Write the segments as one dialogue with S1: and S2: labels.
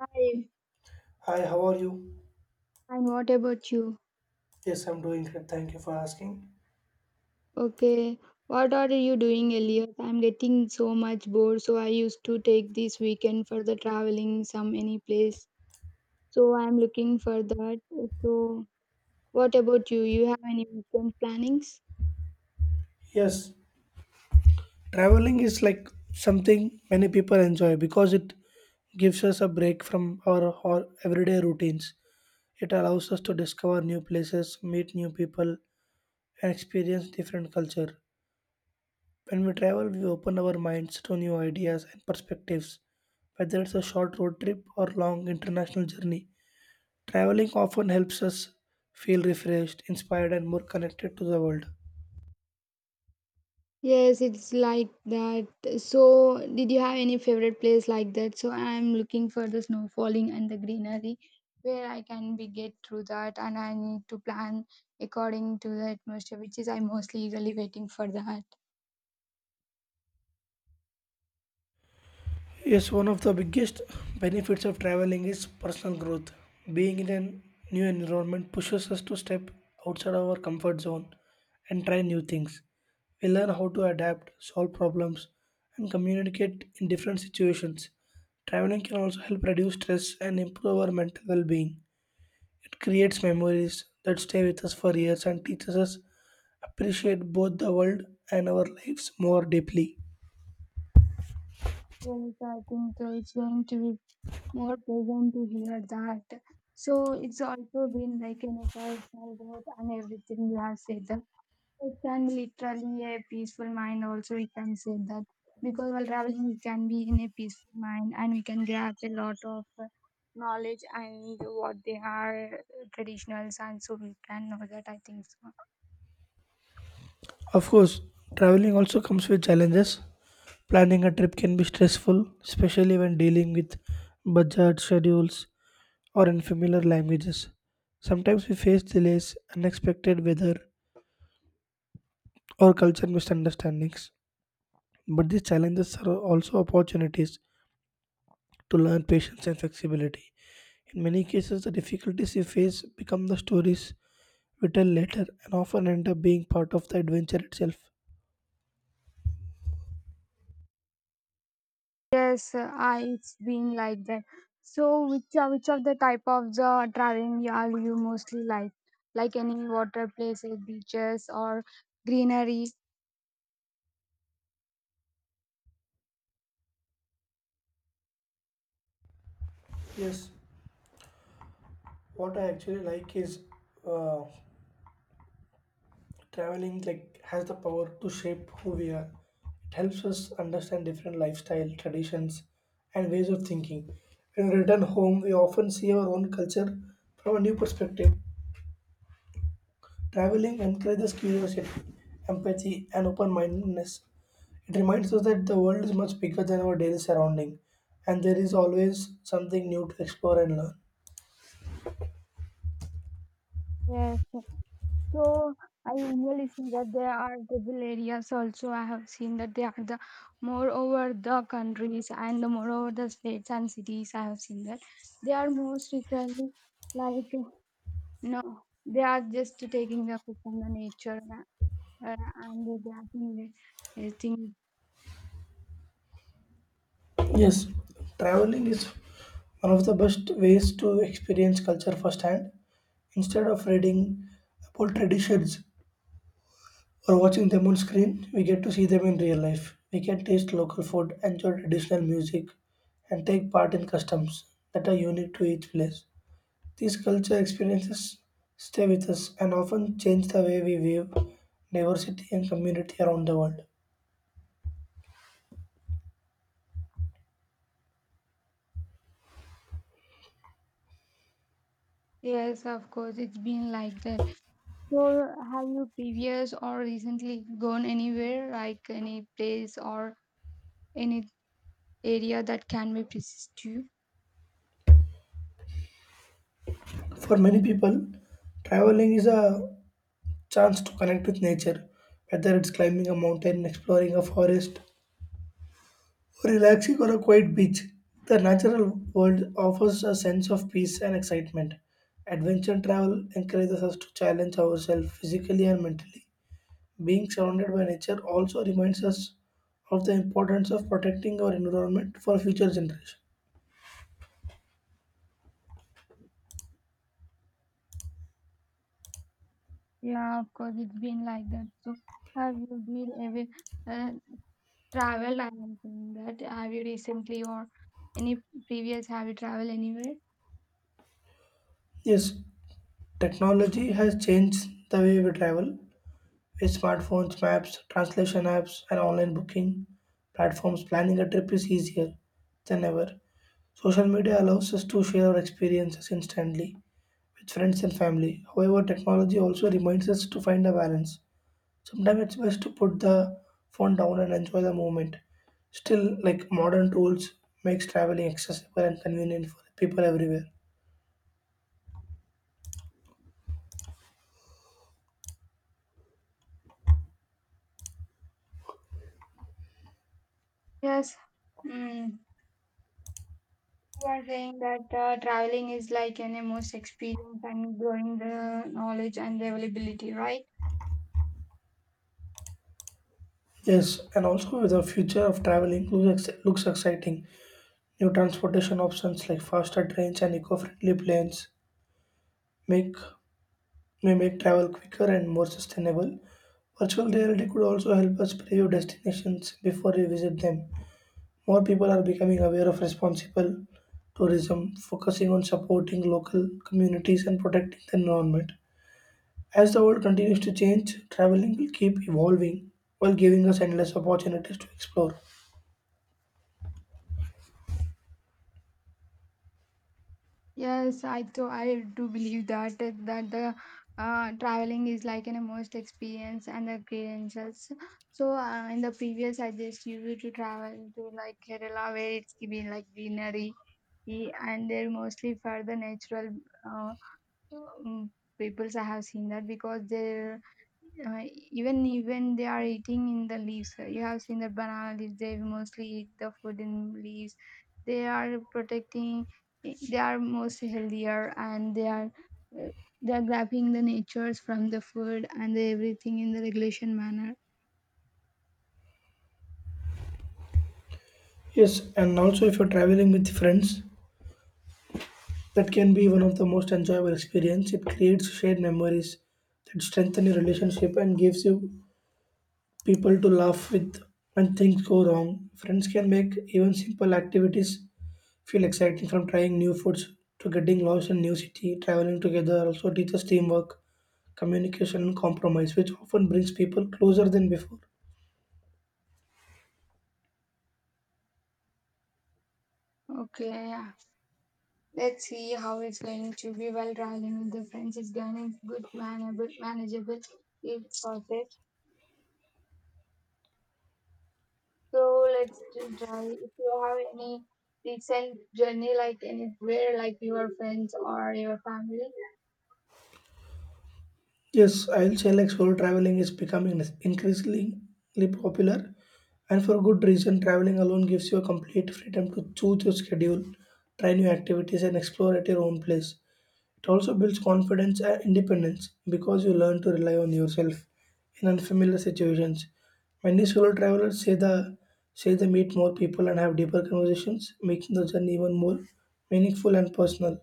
S1: Hi,
S2: Hi, how are you?
S1: and what about you?
S2: Yes, I'm doing great. Thank you for asking.
S1: Okay, what are you doing, Elias? I'm getting so much bored, so I used to take this weekend for the traveling some any place. So I'm looking for that. So what about you? You have any weekend plannings?
S2: Yes, traveling is like something many people enjoy because it gives us a break from our everyday routines. It allows us to discover new places, meet new people, and experience different culture. When we travel, we open our minds to new ideas and perspectives. Whether it's a short road trip or long international journey, traveling often helps us feel refreshed, inspired, and more connected to the world.
S1: Yes, it's like that. So, did you have any favorite place like that? So, I'm looking for the snow falling and the greenery where I can be get through that, and I need to plan according to the atmosphere, which is I'm mostly eagerly waiting for that.
S2: Yes, one of the biggest benefits of traveling is personal growth. Being in a new environment pushes us to step outside our comfort zone and try new things. We learn how to adapt, solve problems, and communicate in different situations. Traveling can also help reduce stress and improve our mental well being. It creates memories that stay with us for years and teaches us appreciate both the world and our lives more deeply.
S1: Yes, I think so. It's going to be more pleasant to hear that. So, it's also been like an personal growth and everything you have said. It can be literally a peaceful mind, also, we can say that. Because while traveling, we can be in a peaceful mind and we can grasp a lot of knowledge and what they are traditionals, and so we can know that. I think so.
S2: Of course, traveling also comes with challenges. Planning a trip can be stressful, especially when dealing with budget schedules or unfamiliar languages. Sometimes we face delays, unexpected weather, or cultural misunderstandings. But these challenges are also opportunities to learn patience and flexibility. In many cases, the difficulties we face become the stories we tell later and often end up being part of the adventure itself.
S1: Yes, it's been like that. So, which of the type of the traveling you mostly like? Like any water places, beaches, or greenery?
S2: Yes. What I actually like is uh, traveling like has the power to shape who we are. It helps us understand different lifestyle, traditions, and ways of thinking. When we return home, we often see our own culture from a new perspective. Traveling encourages curiosity, empathy, and open-mindedness. It reminds us that the world is much bigger than our daily surrounding, and there is always something new to explore and learn.
S1: Yes. So I usually see that there are tribal areas also. I have seen that they are the moreover the countries and the moreover the states and cities. I have seen that they are most literally like no, they are just taking the food from the nature uh, and they are doing the uh.
S2: Yes, traveling is one of the best ways to experience culture firsthand. Instead of reading about traditions or watching them on screen, we get to see them in real life. We can taste local food, enjoy traditional music, and take part in customs that are unique to each place. These culture experiences stay with us and often change the way we view diversity and community around the world.
S1: Yes, of course, it's been like that. So have you previous or recently gone anywhere like any place or any area that can be persist to you?
S2: For many people, traveling is a chance to connect with nature, whether it's climbing a mountain, exploring a forest, or relaxing on a quiet beach. The natural world offers a sense of peace and excitement. Adventure travel encourages us to challenge ourselves physically and mentally. Being surrounded by nature also reminds us of the importance of protecting our environment for future generations.
S1: Yeah, of course, it's been like that. So, have you been ever traveled? I am saying that. Have you recently or any previous? Have you traveled anywhere?
S2: Yes, technology has changed the way we travel, with Smartphones, maps, translation apps, and online booking platforms, planning a trip is easier than ever. Social media allows us to share our experiences instantly with friends and family. However, technology also reminds us to find a balance. Sometimes it's best to put the phone down and enjoy the moment. Still, like modern tools makes traveling accessible and convenient for people everywhere.
S1: Yes. Mm. You are saying that traveling is like an most experience and growing the knowledge and availability, right?
S2: Yes, and also the future of travel includes looks exciting. New transportation options like faster trains and eco-friendly planes make may make travel quicker and more sustainable. Virtual reality could also help us preview destinations before we visit them. More people are becoming aware of responsible tourism, focusing on supporting local communities and protecting the environment. As the world continues to change, traveling will keep evolving while giving us endless opportunities to explore.
S1: Yes, I do. I do believe that eh, that the traveling is like an most experience and the credentials. So in the previous, I just used to travel to like Kerala, where it's been like greenery, eh, and they're mostly for the natural. Uh, Mm, peoples I have seen that because they're uh, even they are eating in the leaves. You have seen the banana leaves. They mostly eat the food in leaves. They are protecting. Eh, they are mostly healthier and uh, they are grabbing the natures from the food and the everything in the regulation manner.
S2: Yes, and also if you're traveling with friends, that can be one of the most enjoyable experience. It creates shared memories that strengthen your relationship and gives you people to laugh with when things go wrong. Friends can make even simple activities feel exciting from trying new foods to getting lost in new city. Traveling together also teaches teamwork, communication and compromise, which often brings people closer than before.
S1: Okay, yeah. Let's see how it's going to be while traveling with the friends. It's going to be good, manable, manageable. It's perfect. So let's try if you have any recent journey like anywhere like your friends or your family.
S2: Yes, I'll say like solo traveling is becoming increasingly popular, and for good reason. Traveling alone gives you a complete freedom to choose your schedule, try new activities, and explore at your own pace. It also builds confidence and independence because you learn to rely on yourself in unfamiliar situations. Many solo travelers say they meet more people and have deeper conversations, making the journey even more meaningful and personal.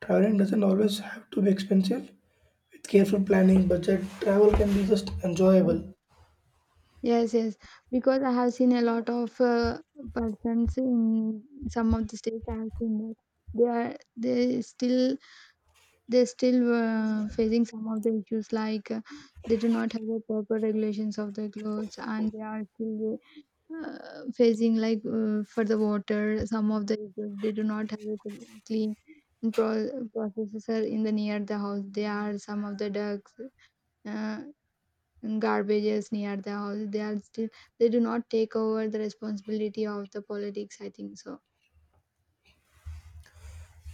S2: Traveling doesn't always have to be expensive. With careful planning, budget travel can be just enjoyable.
S1: Yes, yes, because I have seen a lot of persons in some of the states. I have seen that they are they still they still facing some of the issues like they do not have the proper regulations of their clothes and they are still facing like for the water some of the issues. They do not have it clean processor in the near the house. There are some of the ducks uh, and garbages near the house. They are still they do not take over the responsibility of the politics, I think so.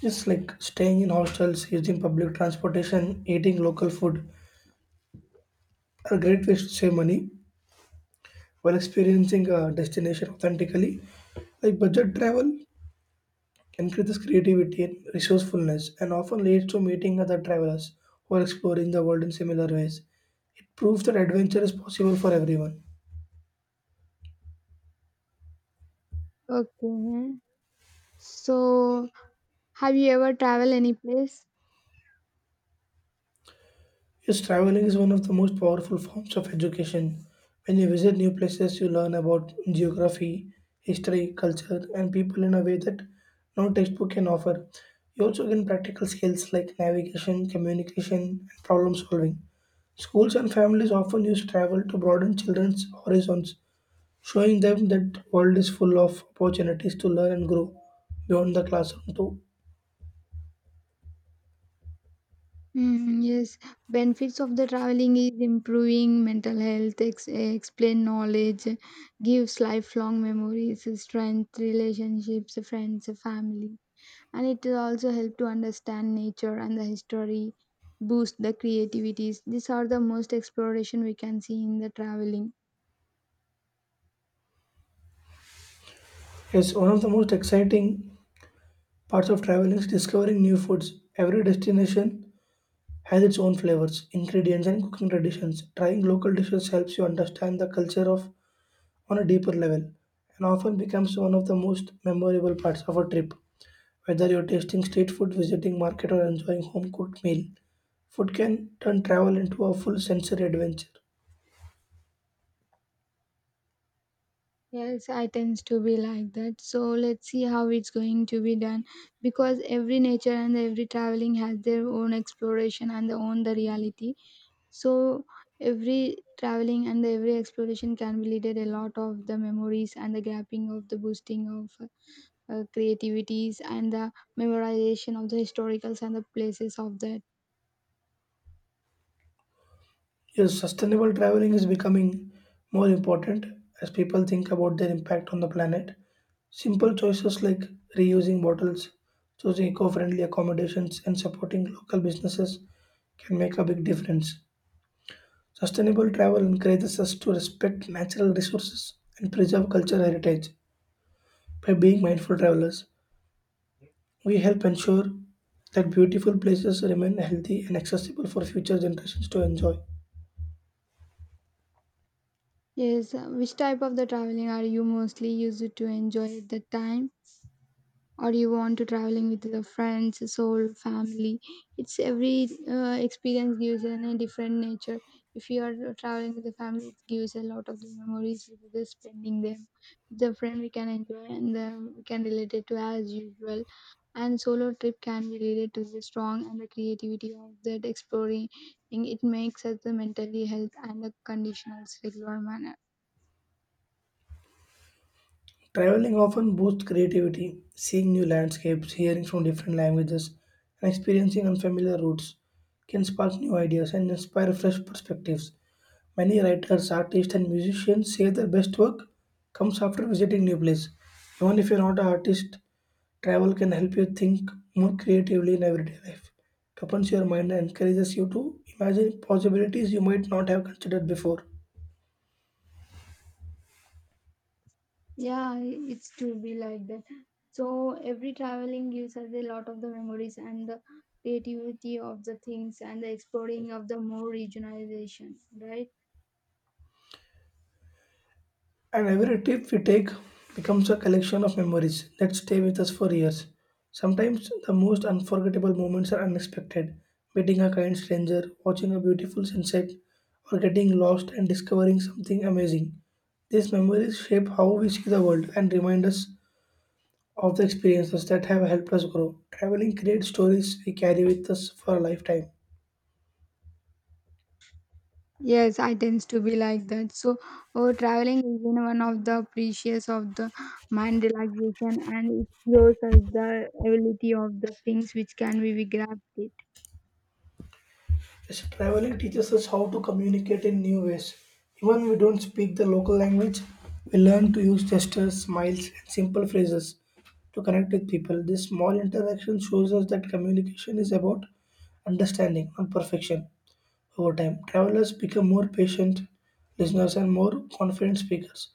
S2: Just like staying in hostels, using public transportation, eating local food are great ways to save money while experiencing a destination authentically. Like budget travel increases creativity and resourcefulness and often leads to meeting other travelers who are exploring the world in similar ways. It proves that adventure is possible for everyone.
S1: Okay, so have you ever traveled any place?
S2: Yes, traveling is one of the most powerful forms of education. When you visit new places, you learn about geography, history, culture, and people in a way that no textbook can offer. You also gain practical skills like navigation, communication, and problem solving. Schools and families often use travel to broaden children's horizons, showing them that world is full of opportunities to learn and grow beyond the classroom too.
S1: Mm, yes, benefits of the traveling is improving mental health, explain knowledge, gives lifelong memories, strength, relationships, friends, family, and it will also help to understand nature and the history, boost the creativities. These are the most exploration we can see in the traveling.
S2: Yes, one of the most exciting parts of travel is discovering new foods. Every destination has its own flavors, ingredients, and cooking traditions. Trying local dishes helps you understand the culture of on a deeper level and often becomes one of the most memorable parts of a trip. Whether you're tasting street food, visiting market or enjoying home cooked meal, food can turn travel into a full sensory adventure.
S1: Yes, I tends to be like that. So let's see how it's going to be done, because every nature and every traveling has their own exploration and their own the reality. So every traveling and every exploration can be leaded a lot of the memories and the grabbing of the boosting of creativities and the memorization of the historicals and the places of that.
S2: Yes, sustainable traveling is becoming more important as people think about their impact on the planet. Simple choices like reusing bottles, choosing eco friendly accommodations, and supporting local businesses can make a big difference. Sustainable travel encourages us to respect natural resources and preserve cultural heritage. By being mindful travelers, we help ensure that beautiful places remain healthy and accessible for future generations to enjoy.
S1: Yes, which type of the traveling are you mostly used to enjoy at the time? Or you want to traveling with the friends soul family? It's every experience gives in a different nature. If you are traveling with the family, it gives a lot of the memories with the spending them. The friend, we can enjoy and the we can relate it to as usual. And solo trip can be related to the strong and the creativity of that exploring. It makes us the mentally health and the conditionals regular manner.
S2: Traveling often boosts creativity, seeing new landscapes, hearing from different languages, and experiencing unfamiliar routes can spark new ideas and inspire fresh perspectives. Many writers, artists, and musicians say their best work comes after visiting new place. Even if you're not an artist, travel can help you think more creatively in everyday life. It opens your mind and encourages you to imagine possibilities you might not have considered before.
S1: Yeah, it's to be like that. So every traveling gives us a lot of the memories and the creativity of the things and the exploring of the more regionalization, right?
S2: And every trip we take becomes a collection of memories that stay with us for years. Sometimes the most unforgettable moments are unexpected meeting a kind stranger, watching a beautiful sunset, or getting lost and discovering something amazing. These memories shape how we see the world and remind us of the experiences that have helped us grow. Traveling creates stories we carry with us for a lifetime.
S1: Yes, I tends to be like that. So, oh, traveling is been one of the precious of the mind relaxation, and it gives us the ability of the things which can be we grabbed it.
S2: Yes, traveling teaches us how to communicate in new ways. Even we don't speak the local language, we learn to use gestures, smiles, and simple phrases to connect with people. This small interaction shows us that communication is about understanding, not perfection. Over time, travelers become more patient listeners and more confident speakers,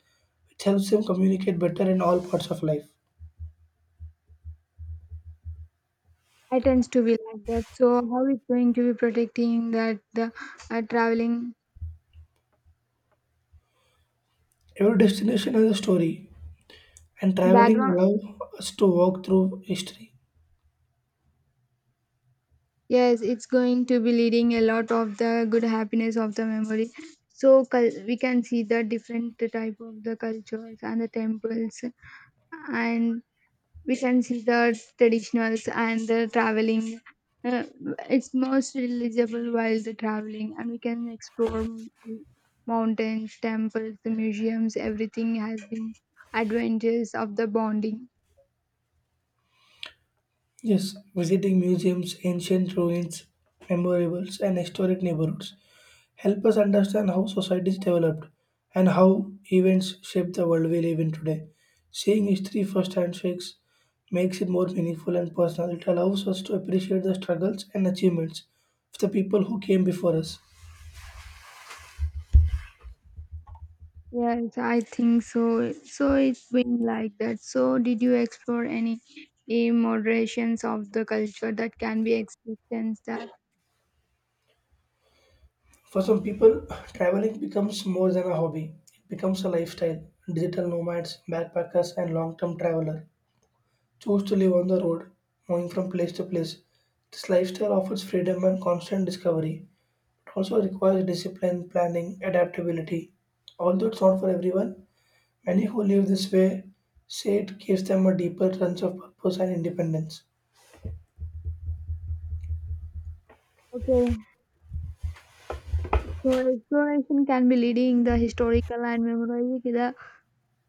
S2: which helps them communicate better in all parts of life.
S1: I tends to be like that. So, how is going to be protecting that the traveling
S2: Every destination has a story, and traveling
S1: background?
S2: allows us to walk through history.
S1: Yes, it's going to be leading a lot of the good happiness of the memory. So we can see the different type of the cultures and the temples, and we can see the traditionals and the traveling. Uh, it's most relatable while the traveling, and we can explore mountains, temples, the museums. Everything has been adventures of the bonding.
S2: Yes, visiting museums, ancient ruins, memorables, and historic neighborhoods help us understand how societies developed and how events shape the world we live in today. Seeing history firsthand shakes makes it more meaningful and personal. It allows us to appreciate the struggles and achievements of the people who came before us.
S1: Yes, I think so. So it's been like that. So did you explore any eh, moderations of the culture that can be experienced? That
S2: For some people, traveling becomes more than a hobby. It becomes a lifestyle. Digital nomads, backpackers, and long-term travelers choose to live on the road, moving from place to place. This lifestyle offers freedom and constant discovery, but also requires discipline, planning, adaptability. Although it's not for everyone, many who live this way say it gives them a deeper sense of purpose and independence.
S1: okay. So exploration can be leading the historical and memorizing the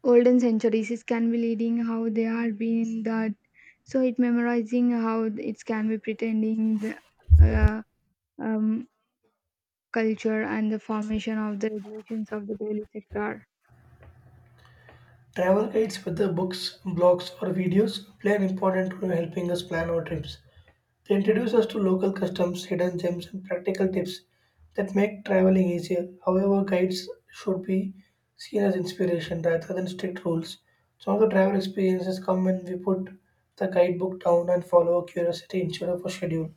S1: olden centuries. It can be leading how they are being that. So it memorizing how it can be pretending the uh, um, culture and the formation of the regulations of the daily sector.
S2: Travel guides, whether books, blogs, or videos, play an important role in helping us plan our trips. They introduce us to local customs, hidden gems, and practical tips that make traveling easier. However, guides should be seen as inspiration rather than strict rules. Some of the travel experiences come when we put the guidebook down and follow our curiosity instead of a schedule.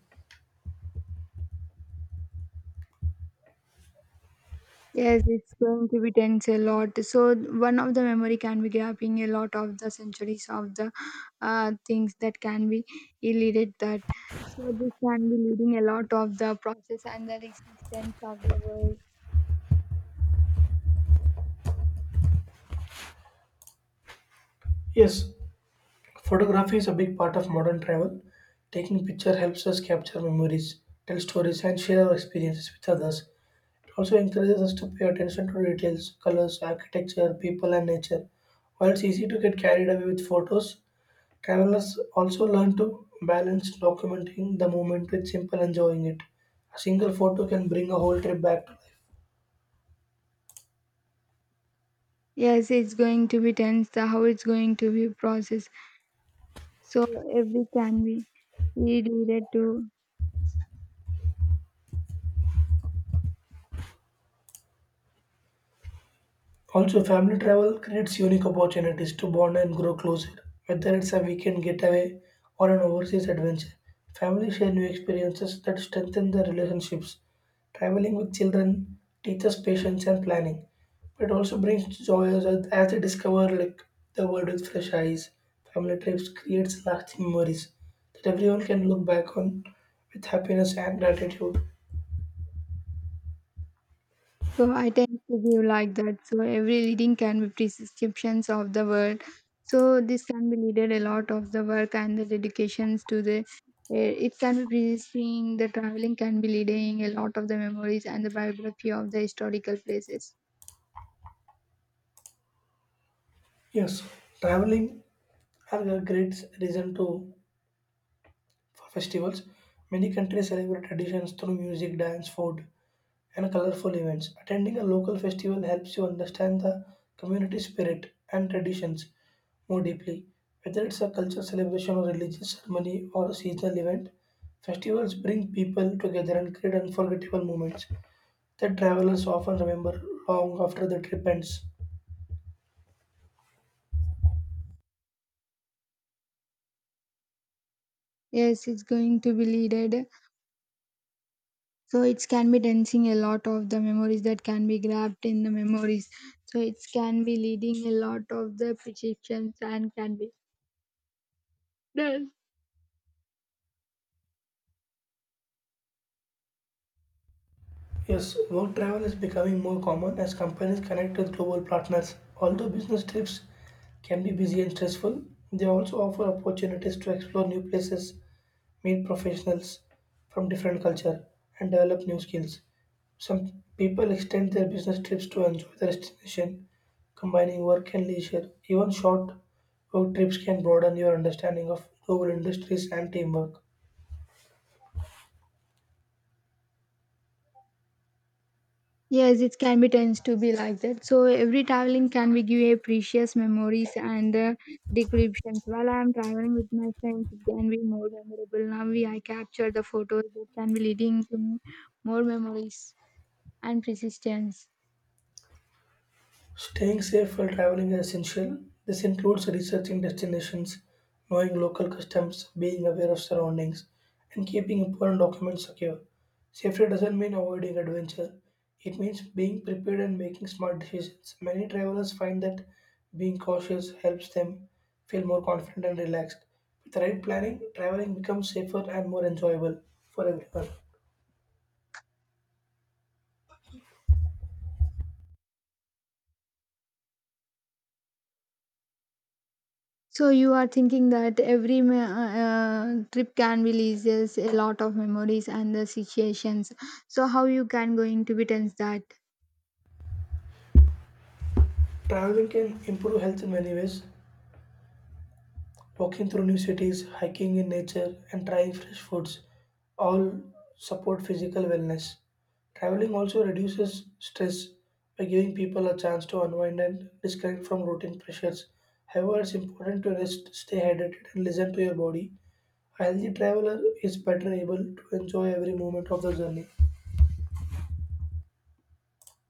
S1: Yes, it's going to be tense a lot. So one of the memory can be grabbing a lot of the centuries of the things that can be elided that. So this can be leading a lot of the process and the existence of the world.
S2: Yes, photography is a big part of modern travel. Taking picture helps us capture memories, tell stories, and share our experiences with others. It also encourages us to pay attention to details, colors, architecture, people, and nature. While it's easy to get carried away with photos, travelers also learn to balance documenting the moment with simple enjoying it. A single photo can bring a whole trip back to life.
S1: Yes, it's going to be tense. The how it's going to be processed. So every can be elided to.
S2: Also, family travel creates unique opportunities to bond and grow closer. Whether it's a weekend getaway or an overseas adventure, families share new experiences that strengthen their relationships. Traveling with children teaches patience and planning, but also brings joy as they discover like the world with fresh eyes. Family trips creates lasting memories that everyone can look back on with happiness and gratitude.
S1: So I tend to be like that. So every reading can be prescriptions of the word. So this can be needed a lot of the work and the dedications to the. Eh, it can be prescribing the traveling can be leading a lot of the memories and the biography of the historical places.
S2: Yes, traveling are a great reason to. For festivals, many countries celebrate traditions through music, dance, food, and colorful events. Attending a local festival helps you understand the community spirit and traditions more deeply. Whether it's a cultural celebration or religious ceremony or a seasonal event, festivals bring people together and create unforgettable moments that travelers often remember long after the trip ends.
S1: Yes, it's going to be leaded. So it can be dancing a lot of the memories that can be grabbed in the memories. So it can be leading a lot of the prescriptions and can be.
S2: Yes, work travel is becoming more common as companies connect with global partners. Although business trips can be busy and stressful, they also offer opportunities to explore new places, meet professionals from different culture, and develop new skills. Some people extend their business trips to enjoy the destination, combining work and leisure. Even short work trips can broaden your understanding of global industries and teamwork.
S1: Yes, it can be tends to be like that. So every traveling can be give a precious memories and descriptions. While I am traveling with my friends, it can be more memorable. Now we I capture the photos that can be leading to me more memories and persistence.
S2: Staying safe while traveling is essential. This includes researching destinations, knowing local customs, being aware of surroundings, and keeping important documents secure. Safety doesn't mean avoiding adventure, it means being prepared and making smart decisions. Many travelers find that being cautious helps them feel more confident and relaxed. With the right planning, traveling becomes safer and more enjoyable for everyone.
S1: So you are thinking that every trip can releases a lot of memories and the situations. So how you can going to be tense that?
S2: Traveling can improve health in many ways. Walking through new cities, hiking in nature, and trying fresh foods all support physical wellness. Traveling also reduces stress by giving people a chance to unwind and disconnect from routine pressures. However, it's important to rest, stay hydrated, and listen to your body. A healthy traveler is better able to enjoy every moment of the journey.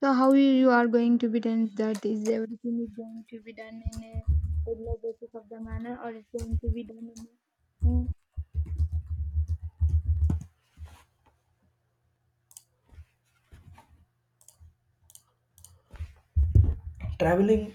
S1: So how you are going to be done that, is everything is going to be done in a regular basis of the manner, or is going to be done in a, mm,
S2: Traveling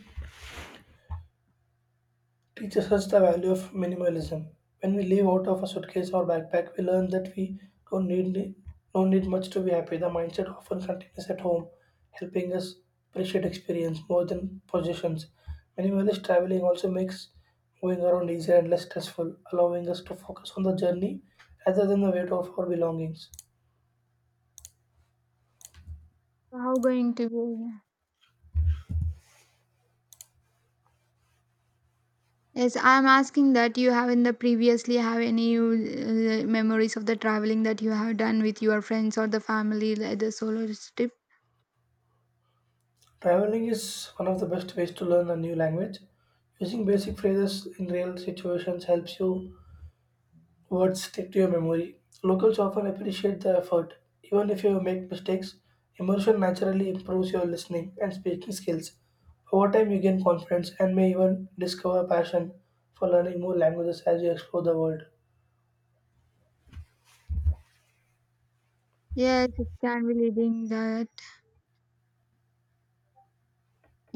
S2: teaches us the value of minimalism. When we live out of a suitcase or backpack, we learn that we don't need don't need much to be happy. The mindset often continues at home, helping us appreciate experience more than possessions. Minimalist traveling also makes moving around easier and less stressful, allowing us to focus on the journey rather than the weight of our belongings.
S1: so how going to be. Yes, I'm asking that, you have in the previously have any memories of the traveling that you have done with your friends or the family, like the solo trip?
S2: Traveling is one of the best ways to learn a new language. Using basic phrases in real situations helps you. Words stick to your memory. Locals often appreciate the effort. Even if you make mistakes, immersion naturally improves your listening and speaking skills. Over time, you gain confidence and may even discover passion for learning more languages as you explore the world.
S1: Yes, it can be leading the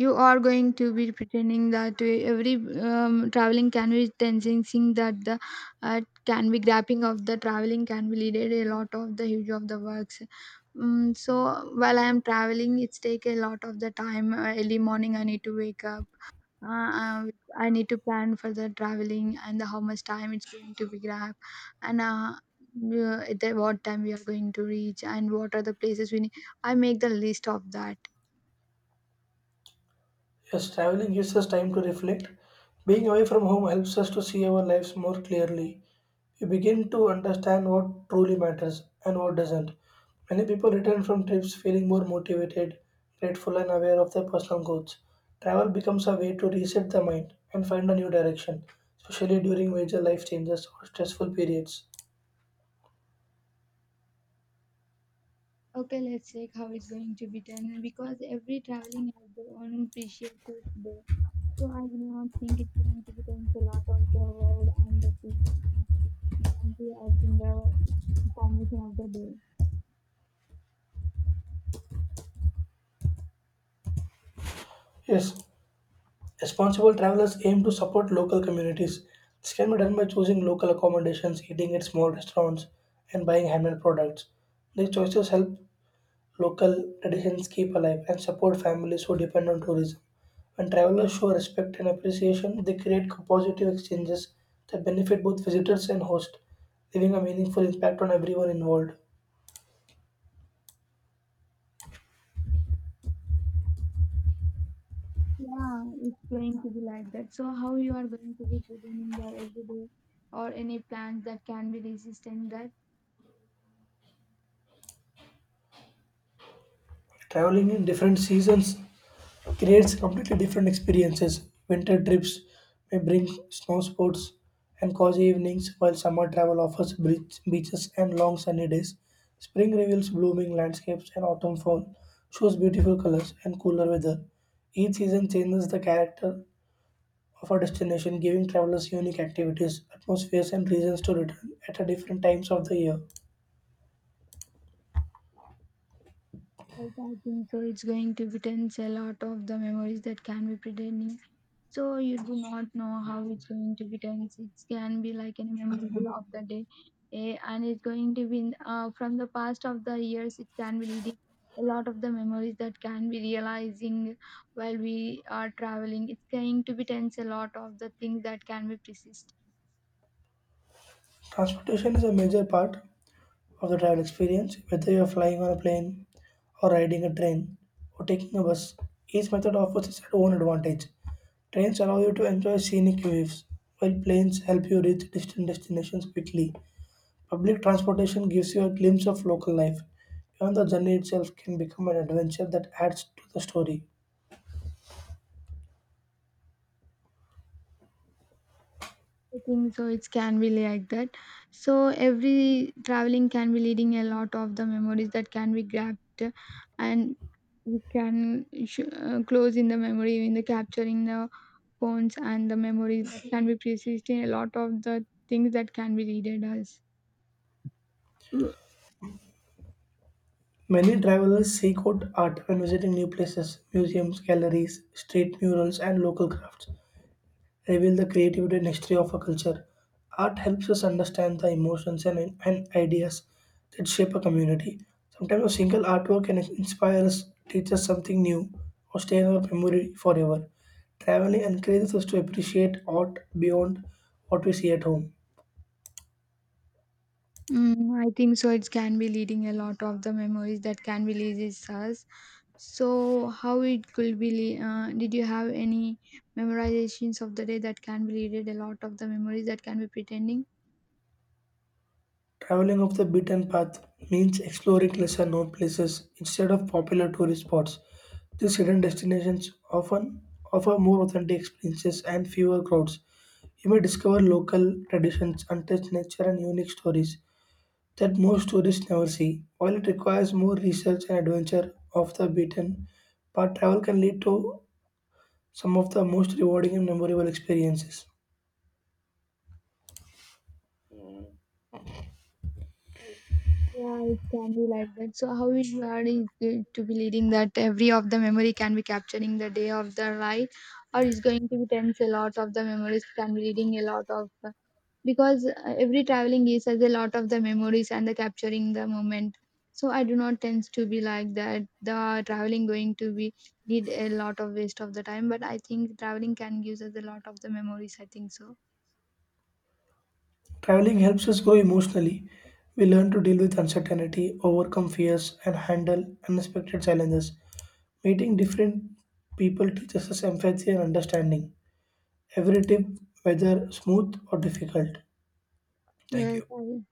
S1: you are going to be pretending that every traveling can be tensing that the uh, can be grabbing of the traveling can be leaded a lot of the huge of the works. Mm, so while I am traveling, it's take a lot of the time. Early morning I need to wake up. uh, uh, I need to plan for the traveling and the, how much time it's going to be grab, and at the, what time we are going to reach and what are the places we need. I make the list of that.
S2: Yes, traveling gives us time to reflect. Being away from home helps us to see our lives more clearly. We begin to understand what truly matters and what doesn't. Many people return from trips feeling more motivated, grateful, and aware of their personal goals. Travel becomes a way to reset the mind and find a new direction, especially during major life changes or stressful periods.
S1: Okay, let's check how it's going to be done, because every traveling has their own precious taste there. So I do not think it's going to be done a lot of the world and the country as in the formation of the day.
S2: Yes, responsible travelers aim to support local communities. This can be done by choosing local accommodations, eating at small restaurants, and buying handmade products. These choices help local traditions keep alive and support families who depend on tourism. When travelers show respect and appreciation, they create positive exchanges that benefit both visitors and hosts, leaving a meaningful impact on everyone involved.
S1: Yeah, it's going to be like that. So how you are going to be presenting the everyday or any plans that can be resistant that?
S2: Traveling in different seasons creates completely different experiences. Winter trips may bring snow sports and cozy evenings, while summer travel offers beach, beaches and long sunny days. Spring reveals blooming landscapes, and autumn fall shows beautiful colors and cooler weather. Each season changes the character of a destination, giving travelers unique activities, atmospheres, and reasons to return at a different times of the year.
S1: Yes, I think so. It's going to be tense a lot of the memories that can be pretending. So you do not know how it's going to be done. It can be like any memorable of the day, eh, and it's going to be from the past of the years. It can be leading a lot of the memories that can be realizing while we are traveling. It's going to be tense a lot of the things that can be persist.
S2: Transportation is a major part of the travel experience. Whether you are flying on a plane or riding a train or taking a bus, each method offers its own advantage. Trains allow you to enjoy scenic views, while planes help you reach distant destinations quickly. Public transportation gives you a glimpse of local life. Even the journey itself can become an adventure that adds to the story.
S1: I think so. It can be like that. So every traveling can be leading a lot of the memories that can be grabbed, and we can close in the memory in the capturing the phones and the memories that can be precised in a lot of the things that can be readed as.
S2: Many travelers seek out art when visiting new places, museums, galleries, street murals, and local crafts. Reveal the creativity and history of a culture. Art helps us understand the emotions and ideas that shape a community. Sometimes a single artwork can inspire us, teach us something new, or stay in our memory forever. Traveling encourages us to appreciate art beyond what we see at home.
S1: Mm, I think so. It can be leading a lot of the memories that can be leases us. So, how it could be? Did you have any memorizations of the day that can be readed? A lot of the memories that can be pretending.
S2: Traveling off the beaten path means exploring lesser known places instead of popular tourist spots. These hidden destinations often offer more authentic experiences and fewer crowds. You may discover local traditions, untouched nature, and unique stories that most tourists never see. While it requires more research and adventure off the beaten path, travel can lead to some of the most rewarding and memorable experiences.
S1: Yeah, it can be like that. So, how is you are, is it to be leading that every of the memory can be capturing the day of the right, or is going to be tense a lot of the memories can be reading a lot of, because every traveling gives us a lot of the memories and the capturing the moment. So I do not tend to be like that, the traveling going to be did a lot of waste of the time, but I think traveling can give us a lot of the memories, I think so.
S2: Traveling helps us grow emotionally. We learn to deal with uncertainty, overcome fears, and handle unexpected challenges. Meeting different people teaches us empathy and understanding. Every trip, whether smooth or difficult. Thank
S1: Yes,
S2: you.
S1: I